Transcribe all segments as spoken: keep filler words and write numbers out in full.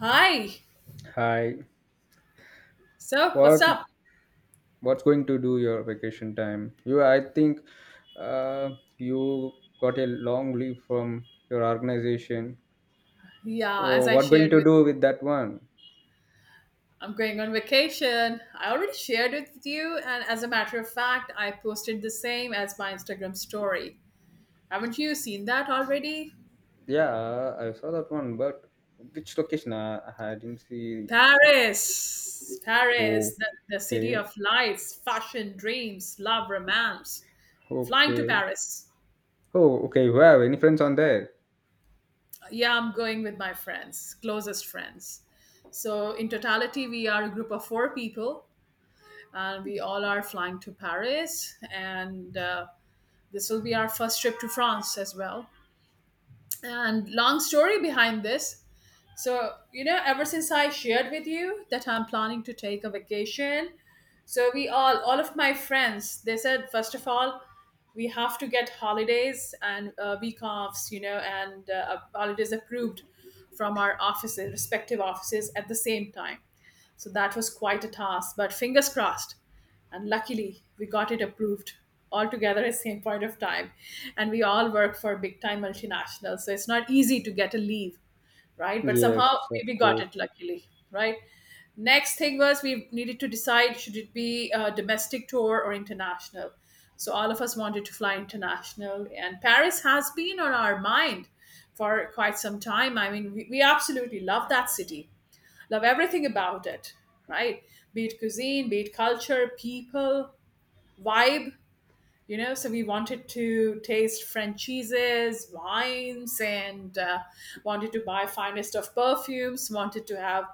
Hi. Hi. So, what's What up? what's going to do your vacation time? You, I think, uh, you got a long leave from your organization. Yeah, as Oh, I what going shared to with you, do with that one? I'm going on vacation. I already shared it with you, and as a matter of fact, I posted the same as my Instagram story. Haven't you seen that already? Yeah, I saw that one, but which location? I, I didn't see. Paris. Paris, Oh, the, the city okay, of lights, fashion, dreams, love, romance. Flying to okay. Paris. Oh, okay. You have any friends on there? Yeah, I'm going with my friends, closest friends. So, in totality, we are a group of four people and we all are flying to Paris, and uh, this will be our first trip to France as well. And long story behind this, so, you know, ever since I shared with you that I'm planning to take a vacation, so we all, all of my friends, they said, first of all, we have to get holidays and uh, week offs, you know, and uh, uh, holidays approved from our offices, respective offices at the same time. So that was quite a task, but fingers crossed. And luckily, we got it approved all together at the same point of time. And we all work for big time multinationals. So it's not easy to get a leave, right? But Yes, somehow of we we got course. it luckily, right? Next thing was we needed to decide should it be a domestic tour or international. So all of us wanted to fly international, and Paris has been on our mind for quite some time. I mean, we, we absolutely love that city, love everything about it, right? Be it cuisine, be it culture, people, vibe, you know, so we wanted to taste French cheeses, wines, and uh, wanted to buy finest of perfumes, wanted to have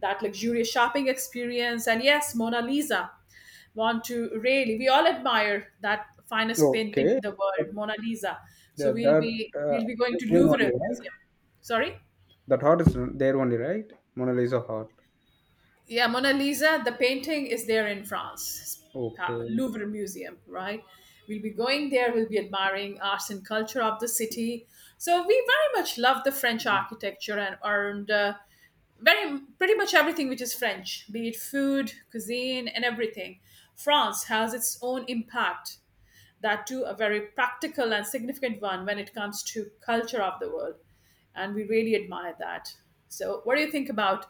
that luxurious shopping experience, and yes, Mona Lisa, want to really, we all admire that finest painting in Okay. the world, Mona Lisa. So Yeah, we'll that be uh, we'll be going to there Louvre only, right? Museum. Sorry. That heart is there only, right? Mona Lisa heart. Yeah, Mona Lisa, the painting is there in France, uh, Okay. Louvre Museum, right? We'll be going there, we'll be admiring arts and culture of the city. So we very much love the French Mm. architecture, and and uh, very pretty much everything which is French, be it food, cuisine, and everything. France has its own impact, that too a very practical and significant one when it comes to culture of the world, and we really admire that. So what do you think about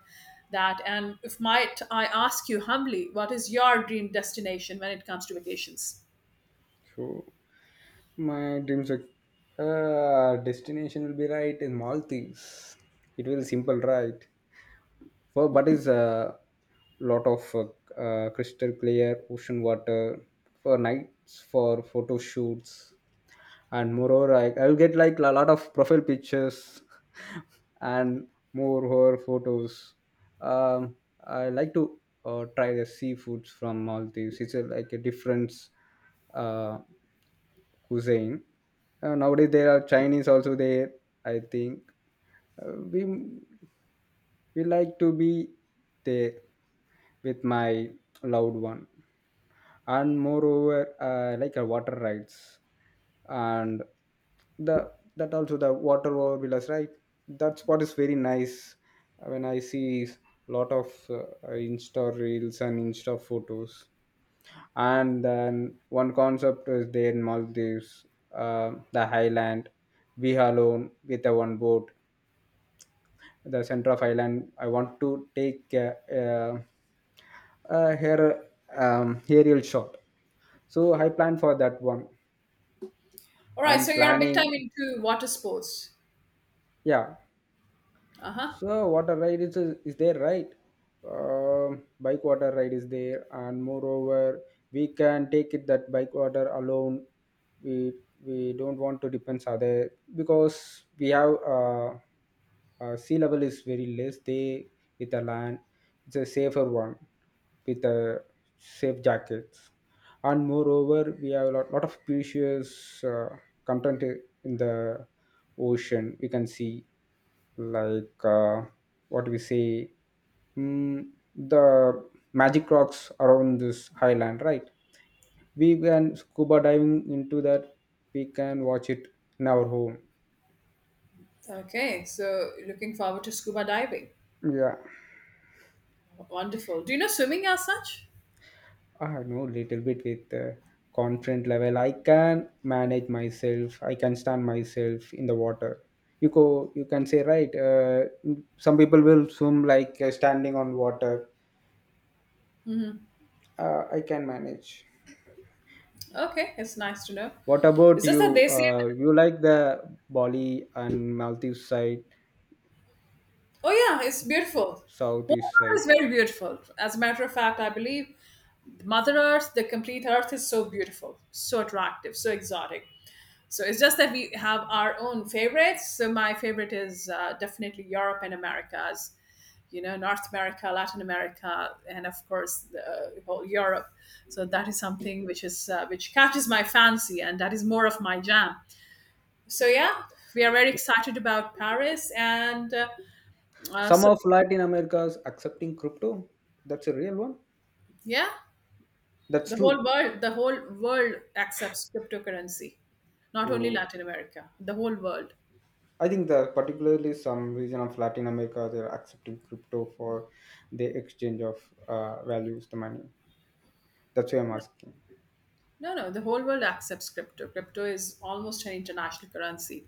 that, and if might I ask you humbly, what is your dream destination when it comes to vacations? So my dreams are uh, destination will be right in Maldives. It will simple, right? So, but is a lot of uh, uh, crystal clear ocean water for nights for photo shoots, and moreover, I I'll get like a lot of profile pictures and moreover photos. Um, I like to uh, try the seafoods from Maldives. It's a, like a different uh, cuisine. Uh, nowadays there are Chinese also there. I think uh, we we like to be there with my loved one, and moreover, uh, like a water rides, and the that also the water over villas, right? That's what is very nice when I see lot of uh, Insta reels and Insta photos. And then one concept is there in Maldives, uh, the highland, we alone with a one boat the center of island I want to take a, a, a hair um, aerial shot, so I plan for that one. All right, so I'm you're big planning, time into water sports. yeah. Uh-huh. So water ride is, is there, right? Um bike water ride is there, and moreover, we can take it that bike water alone. We we don't want to depend other because we have uh, uh, sea level is very less. They with the land, it's a safer one with the safe jackets, and moreover, we have a lot, lot of precious uh, content in the ocean. We can see like uh, what we say, mm, the magic rocks around this highland, right? We can scuba diving into that. We can watch it in our home, Okay, so looking forward to scuba diving. yeah. Wonderful, do you know swimming as such? I know little bit with uh, confident level. I can manage myself, I can stand myself in the water. You go, you can say right. uh, some people will swim like uh, standing on water. uh, I can manage. Okay, it's nice to know. What about It's just that you? they say, Uh, you like the Bali and Maldives side, oh yeah, it's beautiful. Southeast Hobart is side. very beautiful. As a matter of fact, I believe Mother Earth, the complete Earth is so beautiful, so attractive, so exotic. So it's just that we have our own favorites. So my favorite is uh, definitely Europe and Americas, you know, North America, Latin America, and of course the whole Europe. So that is something which is uh, which catches my fancy, and that is more of my jam. So yeah, we are very excited about Paris, and uh, uh, Some so of Latin America's accepting crypto. That's a real one. yeah. That's The whole true. world, the whole world accepts cryptocurrency, not only So, Latin America. The whole world. I think that particularly some region of Latin America they're accepting crypto for the exchange of uh, values, the money. That's why I'm asking. No, no, the whole world accepts crypto. Crypto is almost an international currency,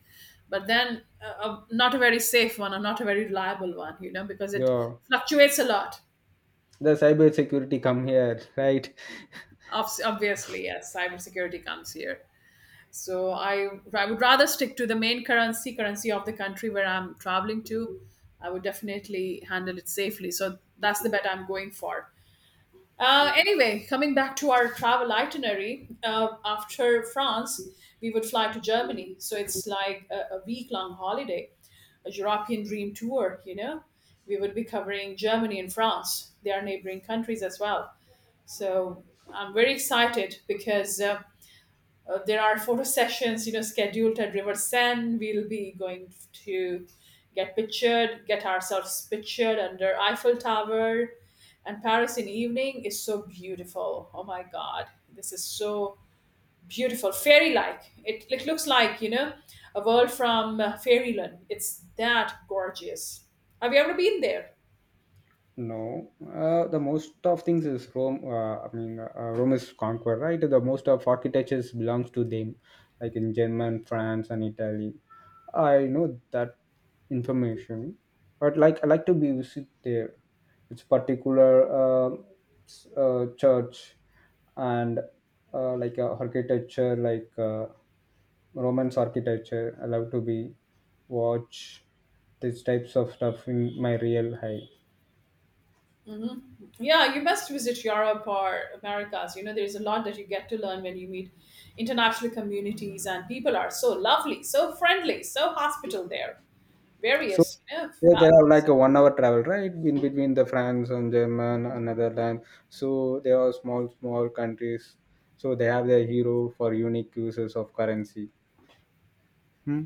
but then uh, uh, not a very safe one or not a very reliable one, you know, because it So fluctuates a lot. the cyber security come here, right? Obs- Obviously, yes, cybersecurity comes here. So I, I would rather stick to the main currency, currency of the country where I'm traveling to. I would definitely handle it safely. So that's the bet I'm going for. Uh, anyway, coming back to our travel itinerary, uh, after France, we would fly to Germany. So it's like a, a week long holiday, a European dream tour, you know. We would be covering Germany and France, they are neighboring countries as well. So I'm very excited because uh, uh, there are photo sessions, you know, scheduled at river sand. We'll be going to get pictured, get ourselves pictured under Eiffel Tower, and Paris in evening is so beautiful, oh my God, this is so beautiful, fairy like. It, it looks like, you know, a world from uh, fairyland. It's that gorgeous. Have you ever been there? No, uh, the most of things is Rome. Uh, I mean, uh, Rome is conquered, right? The most of architectures belongs to them, like in German, France, and Italy. I know that information, but like I like to be visit there. It's particular uh, s- uh, church and uh, like uh, architecture, like uh, Romance architecture. I love to be watch these types of stuff in my real high. Hmm. Yeah, you must visit Europe or Americas. You know, there's a lot that you get to learn when you meet international communities, and people are so lovely, so friendly, so hospitable there. So Various, you know. yeah, they fam- have like a one hour travel, right? In between the France and German and Netherlands. So they are small, small countries. So they have their hero for unique uses of currency. Hmm.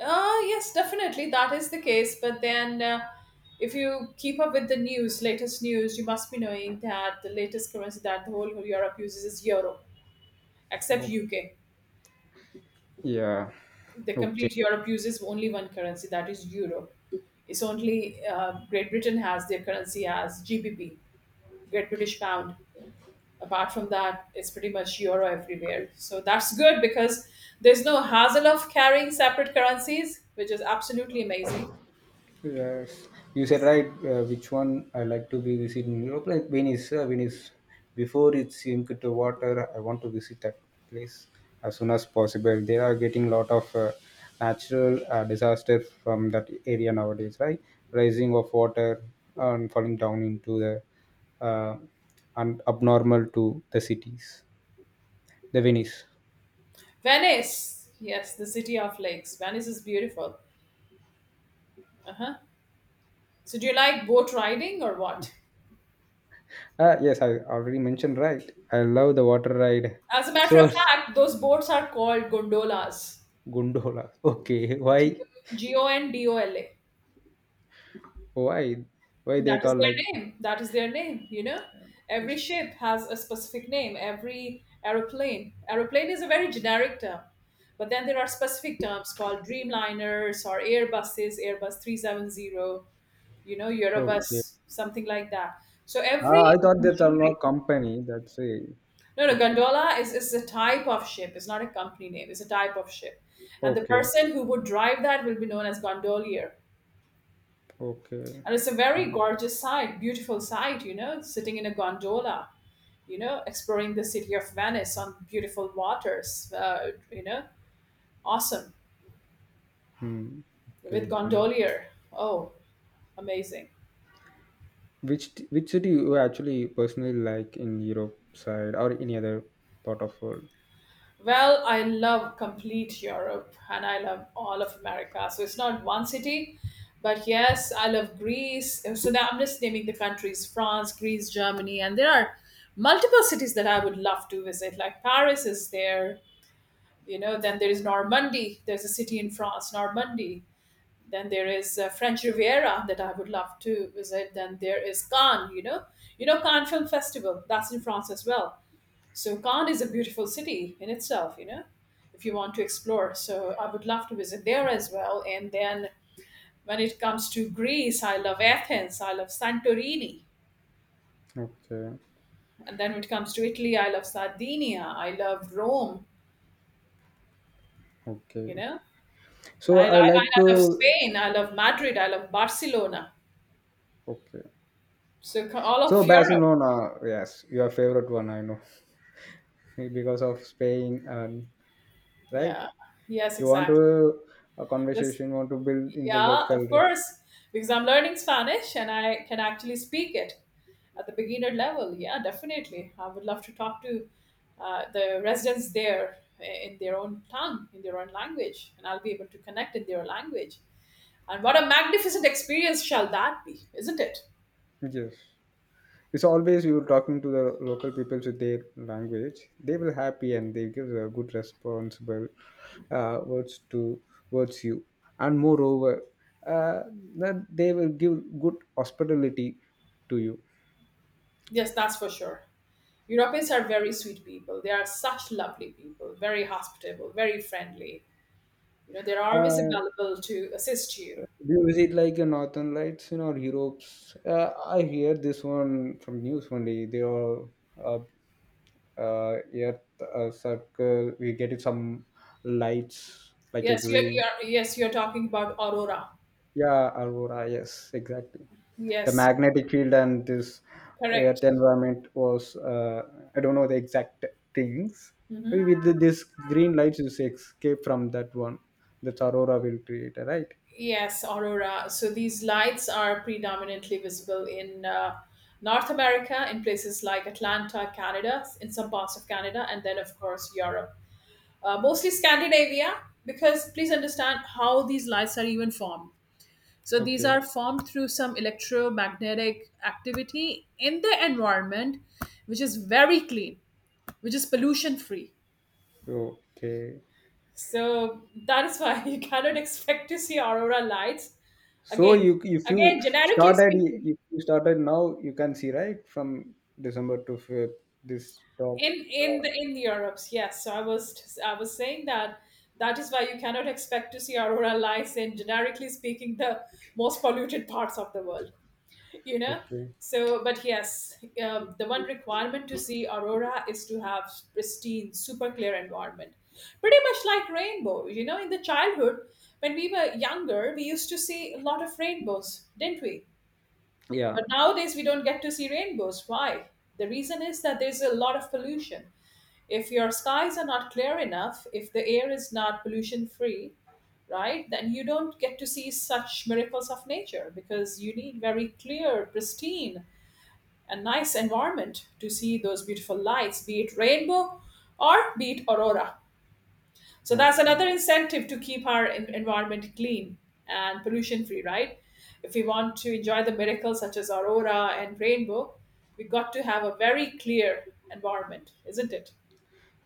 Uh, yes, definitely, that is the case. But then, uh, if you keep up with the news, latest news, you must be knowing that the latest currency that the whole Europe uses is euro, except Oh. U K. Yeah. The Okay. complete Europe uses only one currency, that is euro. It's only uh, Great Britain has their currency as G B P, Great British Pound. Apart from that, it's pretty much euro everywhere. So that's good because there's no hassle of carrying separate currencies, which is absolutely amazing. Yes, you said right. Uh, which one I like to be visit in Europe? Like Venice. Uh, Venice. Before it sink to water, I want to visit that place as soon as possible. They are getting lot of uh, natural uh, disaster from that area nowadays, right? Rising of water and falling down into the uh, and abnormal to the cities. The Venice. Venice, yes, the city of lakes. Venice is beautiful. Uh huh. So do you like boat riding or what? Ah, yes, I already mentioned right. I love the water ride. As a matter of So fact, those boats are called gondolas. gondola. Okay, why? G O N D O L A. Why? Why they That is call like, their name. That is their name, you know? Every ship has a specific name. Every aeroplane. Aeroplane is a very generic term. But then there are specific terms called Dreamliners or Airbuses, Airbus three seven zero, you know, okay? Eurobus, something like that. So Ah, I every thought that are machinery. not company. That's it. No, no, It's gondola is, is a type of ship. It's not a company name. It's a type of ship. And the okay. person who would drive that will be known as gondolier. Okay. And it's a very Fine. gorgeous sight, beautiful sight, you know, sitting in a gondola, you know, exploring the city of Venice on beautiful waters, uh, you know, awesome Hmm. Okay. with Fine. gondolier. Oh, amazing. Which t- which city you actually personally like in Europe side or any other part of world? Well, I love complete Europe and I love all of America. So it's not one city, but yes, I love Greece. So now I'm just naming the countries: France, Greece, Germany, and there are multiple cities that I would love to visit. Like Paris is there, you know, then there is Normandy. There's a city in France, Normandy. Then there is uh, French Riviera that I would love to visit. Then there is Cannes, you know, you know Cannes Film Festival. That's in France as well. So Cannes is a beautiful city in itself, you know, if you want to explore. So I would love to visit there as well. And then when it comes to Greece, I love Athens. I love Santorini. Okay. And then when it comes to Italy, I love Sardinia. I love Rome. Okay. You know, So I, I, I I like love to. Spain. I love Madrid. I love Barcelona. Okay. So all of So Europe. Barcelona, yes, your favorite one, I know, because of Spain and right. Yeah. Yes, You want exactly. to a This, conversation, you want to build in the yeah, local. of course, because I'm learning Spanish and I can actually speak it at the beginner level. Yeah, definitely. I would love to talk to uh, the residents there, eh, in their own tongue, in their own language, and I'll be able to connect in their language. And what a magnificent experience shall that be, isn't it? Yes. It's always you talking to the local people with their language. They will happy and they give a good responsible uh, words to words you. And moreover, uh, that they will give good hospitality to you. Yes, that's for sure. Europeans are very sweet people. They are such lovely people, very hospitable, very friendly. You know, they're always Uh, available to assist you. do you visit like a Northern Lights in or Europe's? Uh, I hear this one from news only. They are uh, uh, Earth uh, circle. We get it some lights like a Yes, you're, green. you're yes, you're talking about aurora. Yeah, Alvora, yes, exactly. The Yes, magnetic field and this correct. earth environment was, uh, I don't know the exact things. With the- this green lights, you say escape from that one. That's Aurora will create, right? Yes, aurora. So these lights are predominantly visible in uh, North America, in places like Atlanta, Canada, in some parts of Canada, and then of course Europe, uh, mostly Scandinavia. Because please understand how these lights are even formed. So these Okay. are formed through some electromagnetic activity in the environment, which is very clean, which is pollution free. Okay. So that is why you cannot expect to see aurora lights So again. you if you Again, generically started speaking, if you started now, you can see right from December to Feb, this top. in in Uh, the in Europe, yes. So I was I was saying that that is why you cannot expect to see aurora lights in, generically speaking, the most polluted parts of the world, you know. okay. So but yes, uh, the one requirement to see aurora is to have pristine super clear environment, pretty much like rainbow, you know. In the childhood, when we were younger, we used to see a lot of rainbows, didn't we? Yeah. But nowadays, we don't get to see rainbows. Why? The reason is that there's a lot of pollution. If your skies are not clear enough, if the air is not pollution free, right, then you don't get to see such miracles of nature because you need very clear, pristine, and nice environment to see those beautiful lights, be it rainbow or be it aurora. So that's Okay. another incentive to keep our en- environment clean and pollution free, right? If we want to enjoy the miracles such as aurora and rainbow, we got to have a very clear environment, isn't it?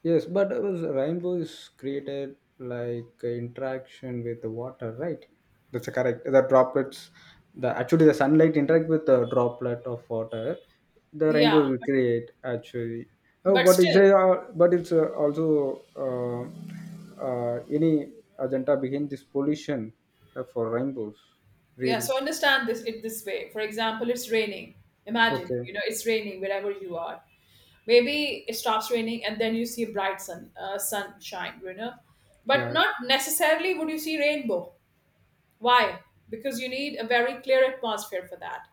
Yes, but it was rainbow is created like uh, interaction with the water, right? That's correct. The droplets, the actually the sunlight interact with the droplet of water, the rainbow Yeah, will but create actually. Oh, but but it's still, a, uh, but it's uh, also uh, uh, any agenda behind this pollution uh, for rainbows, yeah. really. So understand this it this way. For example, it's raining. Imagine, Okay, you know, it's raining wherever you are. Maybe it stops raining and then you see bright sun, uh, sunshine, you know, but yeah. not necessarily would you see rainbow. Why? Because you need a very clear atmosphere for that.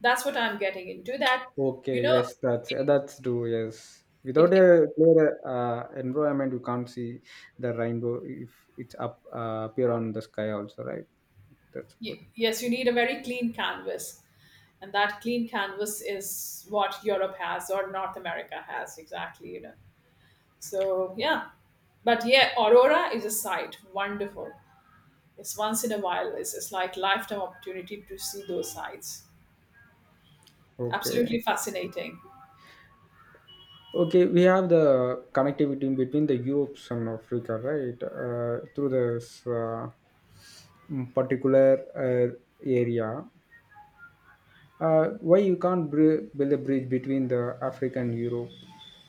That's what I'm getting into. That, you Okay, know, yes, that's eh, that's true. Yes, it, without it- a clear uh, environment, you can't see the rainbow if it's up uh, appear on the sky also, right? That's good. y- yes, you need a very clean canvas. And that clean canvas is what Europe has or North America has, exactly, you know. So, yeah. But yeah, Aurora is a sight. Wonderful. It's once in a while. It's, it's like lifetime opportunity to see those sights. Absolutely Okay, fascinating. okay, we have the connectivity in between the Europe and Africa, right? Uh, through this uh, mm, particular uh, area, uh, why you can't br- build a bridge between the Africa and Europe?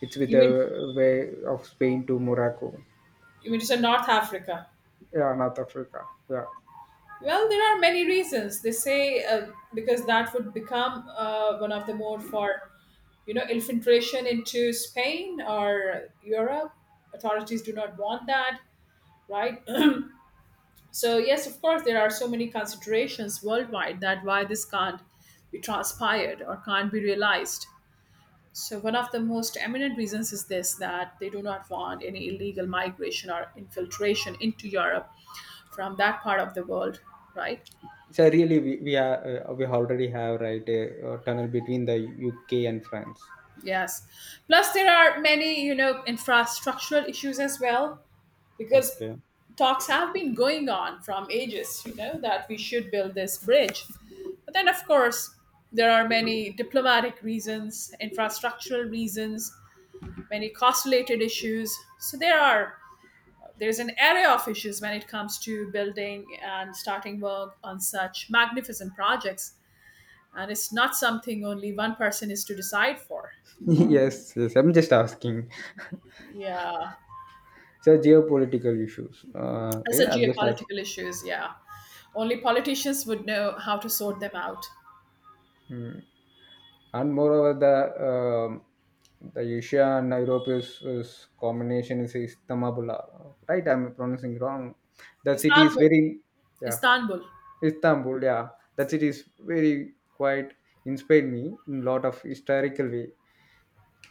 It's with You mean, a way of Spain to Morocco. you mean to say North Africa? Yeah, north Africa, yeah. Well, there are many reasons. They say uh, because that would become uh, one of the mode for, you know, infiltration into Spain or Europe. Authorities do not want that, right? So yes, of course, there are so many considerations worldwide that why this can't be transpired or can't be realized. So one of the most eminent reasons is this, that they do not want any illegal migration or infiltration into Europe from that part of the world, right? So really we we are uh, we already have right a, uh tunnel between the U K and france. Yes. Plus, there are many, you know, infrastructural issues as well, because Okay. talks have been going on from ages, you know, that we should build this bridge. But then, of course, there are many diplomatic reasons, infrastructural reasons, many cost related issues. So there are there's an array of issues when it comes to building and starting work on such magnificent projects, and it's not something only one person is to decide for. Yes, yes, I'm just asking. Yeah. So geopolitical issues, uh, As a yeah, I'm just asking. geopolitical issues, yeah. Only politicians would know how to sort them out. Hmm. And moreover the um, the Asia and Europe is, is combination is Istanbul, right? I'm pronouncing wrong. The city is Istanbul. very, yeah. Istanbul. Istanbul, yeah, that city is very quite inspired me in lot of historical way.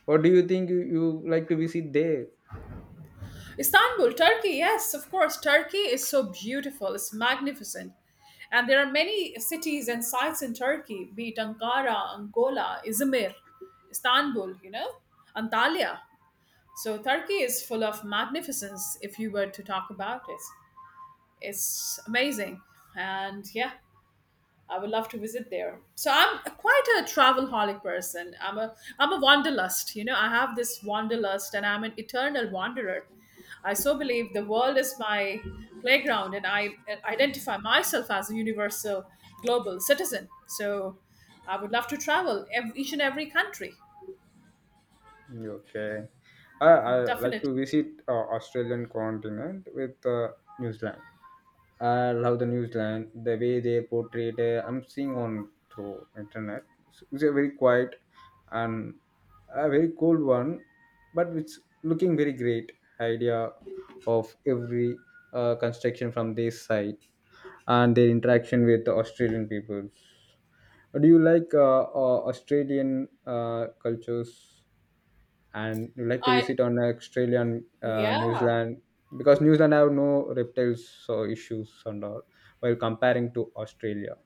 What do you think you, you like to visit there? Istanbul, Turkey. Yes, of course. Turkey is so beautiful. It's magnificent. And there are many cities and sites in Turkey, be it Ankara, Angola, Izmir, Istanbul, you know, Antalya. So Turkey is full of magnificence if you were to talk about it. It's amazing. And yeah, I would love to visit there. So I'm quite a travel holic person. I'm a I'm a wanderlust. You know, I have this wanderlust, and I'm an eternal wanderer. I so believe the world is my playground, and I identify myself as a universal global citizen. So I would love to travel ev- each and every country. Okay, I, I like Definitely. to visit uh, Australian continent with uh, New Zealand. I love the New Zealand the way they portrayed. Uh, I'm seeing on through internet. It's it's a very quiet and a very cold one, but it's looking very great idea of every uh, construction from this side, and their interaction with the Australian people. Do you like uh, uh, Australian uh, cultures and you like to I visit on Australia and uh, New yeah. Zealand? Because New Zealand have no reptiles so issues and all while comparing to Australia.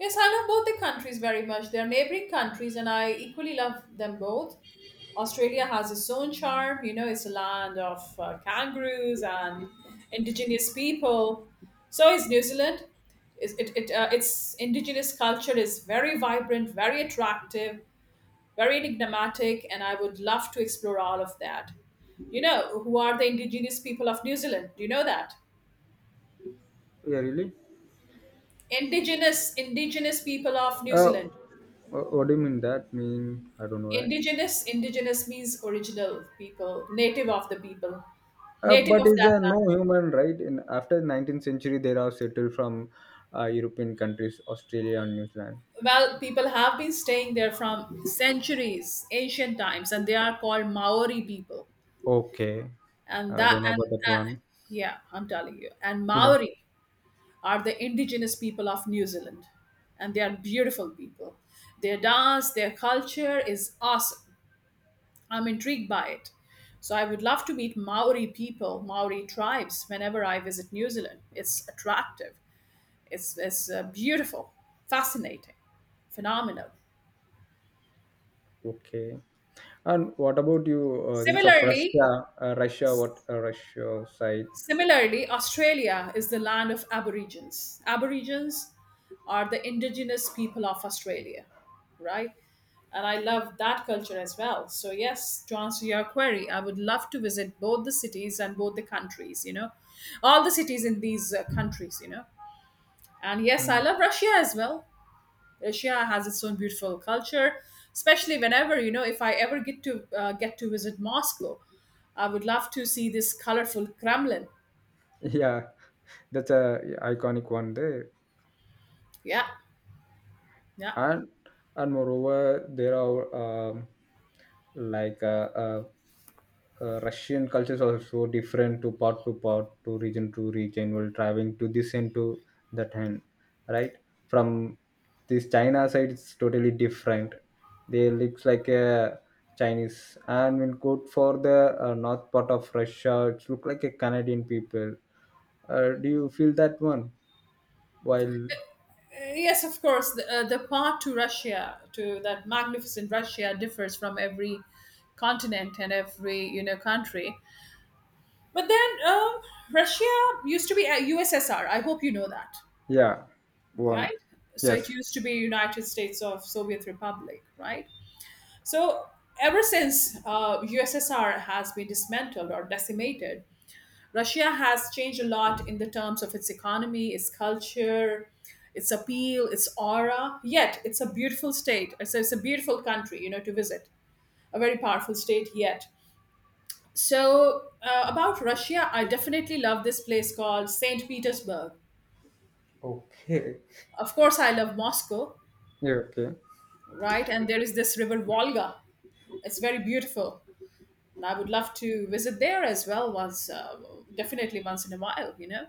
Yes, I love both the countries very much. They're neighboring countries, and I equally love them both. Australia has its own charm. You know, it's a land of uh, kangaroos and indigenous people. So is New Zealand. Is it, it, uh, its indigenous culture is very vibrant, very attractive, very enigmatic, and I would love to explore all of that. You know, who are the indigenous people of New Zealand? Do you know that? Yeah, really? Indigenous, indigenous people of New Uh, Zealand. wh- what do you mean that? Mean I don't know. Right? Indigenous, indigenous means original people, native of the people, Uh, native but of is that there no land. human right? In after nineteenth century, there are settled from uh, European countries, Australia and New Zealand. Well, people have been staying there from centuries, ancient times, and they are called Maori people. Okay, And I that, don't know and, about that and one. yeah, I'm telling you. And Yeah. Maori are the indigenous people of New Zealand, and they are beautiful people. Their dance, their culture is awesome. I'm intrigued by it. So I would love to meet Maori people, Maori tribes, whenever I visit New Zealand. It's attractive, it's, it's uh, beautiful, fascinating, phenomenal. Okay. And what about you? Uh, things of Similarly, Russia, uh, Russia, what uh, Russia side? Similarly, Australia is the land of Aborigines. Aborigines are the indigenous people of Australia, right? And I love that culture as well. So, yes, to answer your query, I would love to visit both the cities and both the countries, you know, all the cities in these uh, countries, you know. And yes, I Mm. love Russia as well. Russia has its own beautiful culture, especially whenever, you know, if I ever get to uh, get to visit Moscow, I would love to see this colorful Kremlin. Yeah, that's a iconic one there. Yeah. Yeah. and and moreover there are um, like uh, uh, uh, Russian cultures are so different to part to part to region to region while traveling to this end to that end, right? From this China side it's totally different. They looks like a Chinese, and when go for the uh, north part of Russia it look like a Canadian people. uh, do you feel that one while? Uh, Yes, of course. The, uh, the path to Russia, to that magnificent Russia, differs from every continent and every, you know, country. But then, um, Russia used to be a U S S R. I hope you know that, Yeah, one, right? So it yes. used to be United States of Soviet Republic, right? So ever since uh, U S S R has been dismantled or decimated, Russia has changed a lot in the terms of its economy, its culture, its appeal, its aura. Yet, it's a beautiful state. It's a, it's a beautiful country, you know, to visit. A very powerful state yet. So, uh, about Russia, I definitely love this place called saint Petersburg. Okay. Of course, I love Moscow, Yeah, okay. right? And there is this river Volga. It's very beautiful. And I would love to visit there as well once, uh, definitely once in a while, you know?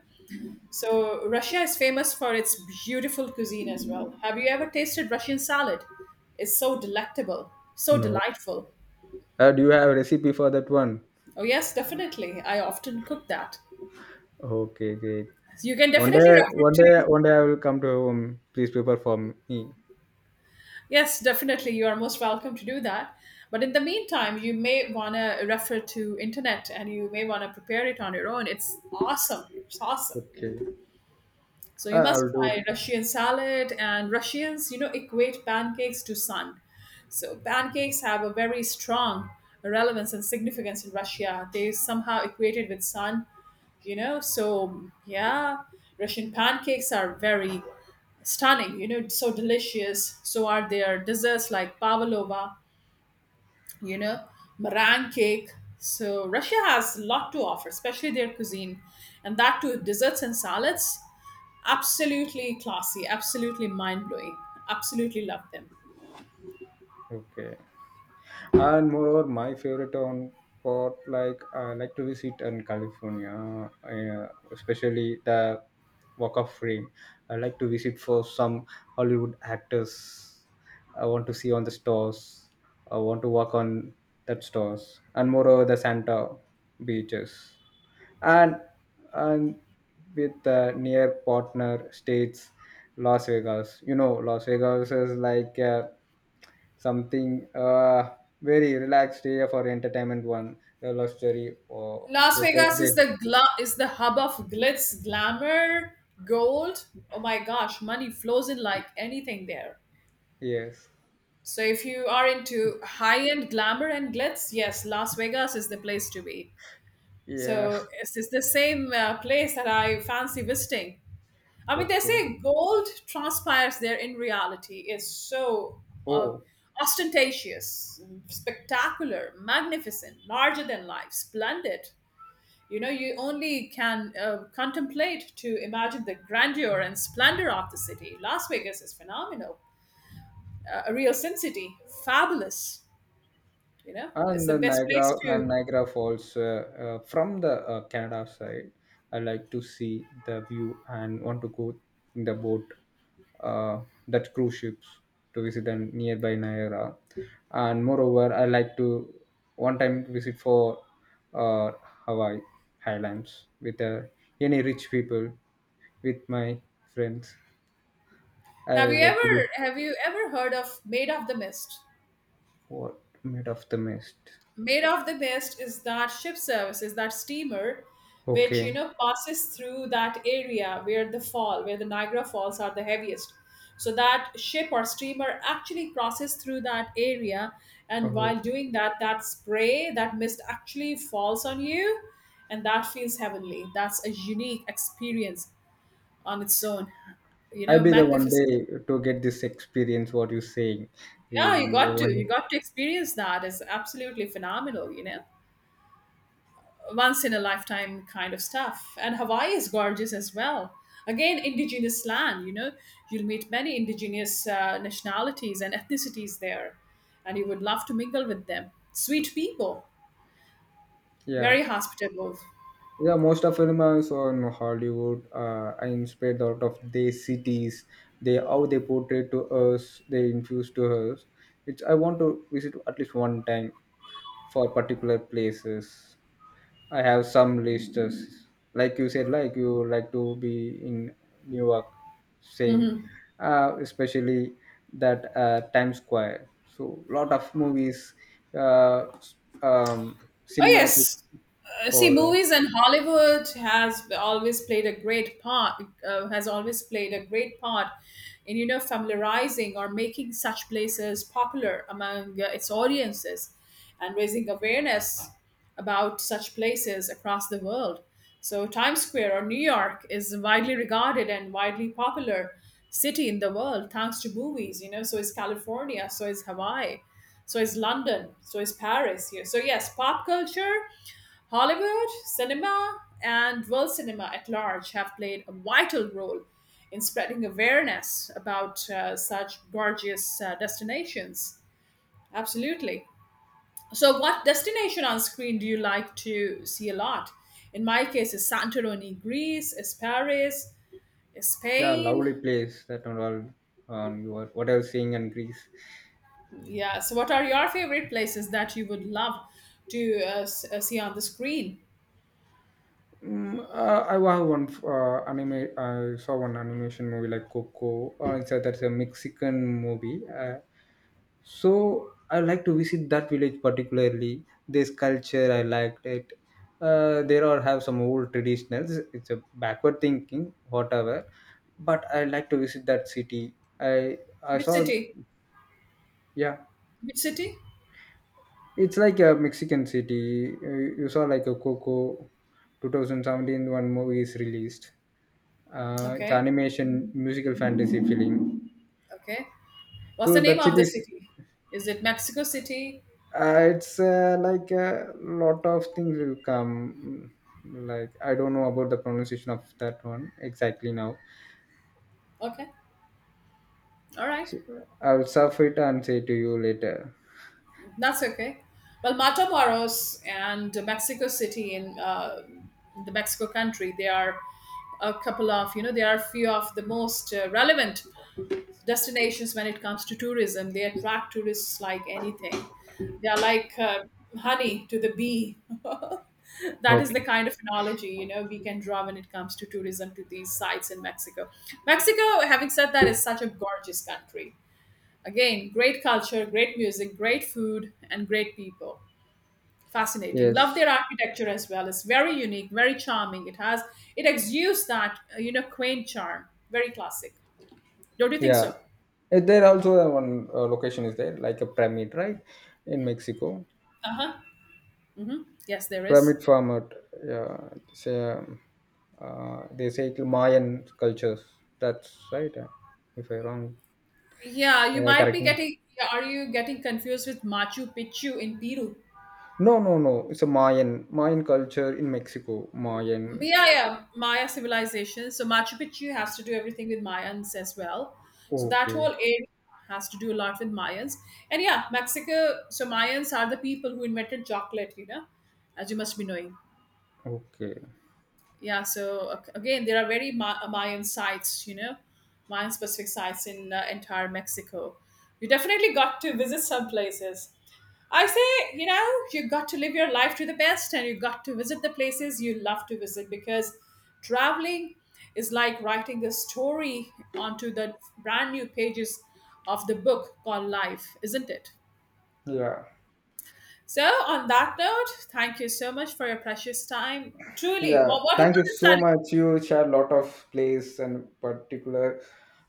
So Russia is famous for its beautiful cuisine as well. Have you ever tasted Russian salad? It's so delectable, so No. delightful. Uh, do you have a recipe for that one? Oh yes, definitely. I often cook that. Okay, great. You can One definitely day, refer one to day, one day I will come to your home. Please prepare for me. yes, definitely. You are most welcome to do that. But in the meantime, you may wanna refer to internet and you may wanna prepare it on your own. It's awesome. It's awesome. Okay. So I you I must will do try it. Russian salad. And Russians, you know, equate pancakes to sun. So pancakes have a very strong relevance and significance in Russia. They somehow equated with sun, you know. So yeah, Russian pancakes are very stunning, you know, so delicious. So are their desserts like pavlova, you know, meringue cake. So Russia has a lot to offer, especially their cuisine, and that too desserts and salads. Absolutely classy, absolutely mind blowing. Absolutely love them. Okay. And moreover my favorite on pot, like I like to visit in California, uh, especially the Walk of Fame. I like to visit for some Hollywood actors. I want to see on the stores. I want to walk on that stores, and moreover the Santa beaches, and and with the near partner states, Las Vegas. You know las vegas is like uh, something uh, very relaxed area for entertainment, one the love story or Las hotels Vegas is there. the gla- is the hub of glitz, glamour, gold. Oh my gosh, money flows in like anything there. Yes. So if you are into high-end glamour and glitz, yes, Las Vegas is the place to be. Yeah. So it's, it's the same uh, place that I fancy visiting. I mean, they Okay. say gold transpires there in reality is so uh, Oh, ostentatious, spectacular, magnificent, larger than life, splendid. You know, you only can uh, contemplate to imagine the grandeur and splendor of the city. Las Vegas is phenomenal, uh, a real sin city, fabulous. You know, it's and the the best place Niagara and to. Niagara Falls uh, uh, from the uh, Canada side. I like to see the view and want to go in the boat, uh, that cruise ships to visit the nearby Niagara. And moreover, I like to one time visit for uh, Hawaii Highlands with uh, any rich people with my friends. I Have you like to ever be. have you ever heard of Made of the Mist? What made of the mist? Made of the best is that ship service, is that steamer which, you Okay. know, passes through that area where the fall, where the Niagara Falls are the heaviest. So that ship or steamer actually crosses through that area, and Oh. while doing that, that spray, that mist actually falls on you, and that feels heavenly. That's a unique experience on its own, you I'll know, be the one magnificent. day to get this experience. What you're saying, Yeah, you really, the got to you one. got to experience that. It's absolutely phenomenal, you know, once in a lifetime kind of stuff. And Hawaii is gorgeous as well. Again, indigenous land, you know, you'll meet many indigenous uh, nationalities and ethnicities there, and you would love to mingle with them. Sweet people, Yeah, very hospitable. yeah, most of them are also in Hollywood. Uh, are inspired out of their cities, they how they portray to us, they infuse to us. It's I want to visit at least one time for particular places. I have some lists, like you said, like you like to be in New York, same, Mhm. uh, especially that uh, Times Square. So lot of movies, uh, s- um, Oh, cinematic yes. Uh, see, for uh, movies and Hollywood has always played a great part. Uh, has always played a great part in, you know, familiarizing or making such places popular among uh, its audiences, and raising awareness about such places across the world. So, Times Square or New York is widely regarded and widely popular city in the world thanks to movies. You know, so is California, so is Hawaii, so is London, so is Paris. Here, so yes, pop culture, Hollywood, cinema, and world cinema at large have played a vital role in spreading awareness about uh, such gorgeous uh, destinations. Absolutely. So, what destination on screen do you like to see a lot? In my case, it's Santorini, Greece, it's Paris, it's yeah, lovely Spain. place that and all. Um, you are, what I was seeing in Greece. Yeah. So, what are your favorite places that you would love to uh, s- uh, see on the screen? Mm, uh, I have one uh, anime. I saw one animation movie like Coco. Uh, it's a, that's a Mexican movie. Uh, so I like to visit that village particularly. This culture I liked it. Uh, there are have some old traditionals. It's a backward thinking, whatever. But I like to visit that city. I I Which saw, city? yeah. Which city? It's like a Mexican city. Uh, You saw like a Coco two thousand seventeen one movie is released. Uh, it's Okay. animation, musical fantasy film. Okay. What's the So name that of city the is. city? Is it Mexico City? Uh, it's uh, like a lot of things will come. Like I don't know about the pronunciation of that one exactly now. Okay. All right. So I'll surf it and say to you later. That's okay. Well, Matamoros and Mexico City in uh, the Mexico country, they are a couple of, you know, they are few of the most uh, relevant destinations when it comes to tourism. They attract tourists like anything. They are like uh, honey to the bee. That is Okay. the kind of analogy, you know, we can draw when it comes to tourism to these sites in Mexico. Mexico, having said that, is such a gorgeous country. Again, great culture, great music, great food, and great people. Fascinating. Love Yes. their architecture as well. It's very unique, very charming. It has it exudes that uh, you know, quaint charm. Very classic. Don't you think Yeah. so? Uh, there also uh, one uh, location is there, like a pyramid, right, in Mexico. Uh huh. Hmm. Yes, there is. Pyramid format, yeah. it's, um, uh, they say it mayan cultures, that's right. uh, if I wrong, Yeah, you yeah, might be correct me. getting. Yeah, are you getting confused with Machu Picchu in Peru? No, no, no, it's a mayan mayan culture in Mexico. Mayan. Yeah, yeah, Maya civilization. So Machu Picchu has to do everything with Mayans as well. So that Okay, whole area has to do a lot with Mayans. And yeah, Mexico. So Mayans are the people who invented chocolate. You know, as you must be knowing. okay. Yeah, so ac- again, there are very Ma- uh, Mayan sites, you know, Mayan specific sites in uh, entire Mexico. You definitely got to visit some places. I say, you know, you got to live your life to the best and you got to visit the places you love to visit because traveling is like writing a story onto the brand new pages of the book called Life, isn't it? Yeah, So, on that note, thank you so much for your precious time. Truly, yeah, what, what, what thank you is so time. much. You share a lot of place and particular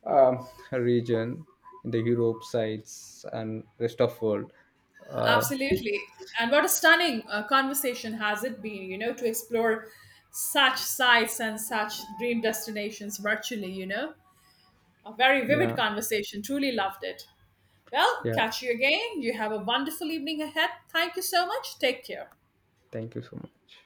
um, region in the Europe sides and rest of world, uh, Absolutely. And what a stunning uh, conversation has it been, you know, to explore such sites and such dream destinations virtually, you know. A very vivid yeah, conversation. Truly loved it. Well, yeah, catch you again. You have a wonderful evening ahead. Thank you so much. Take care. thank you so much.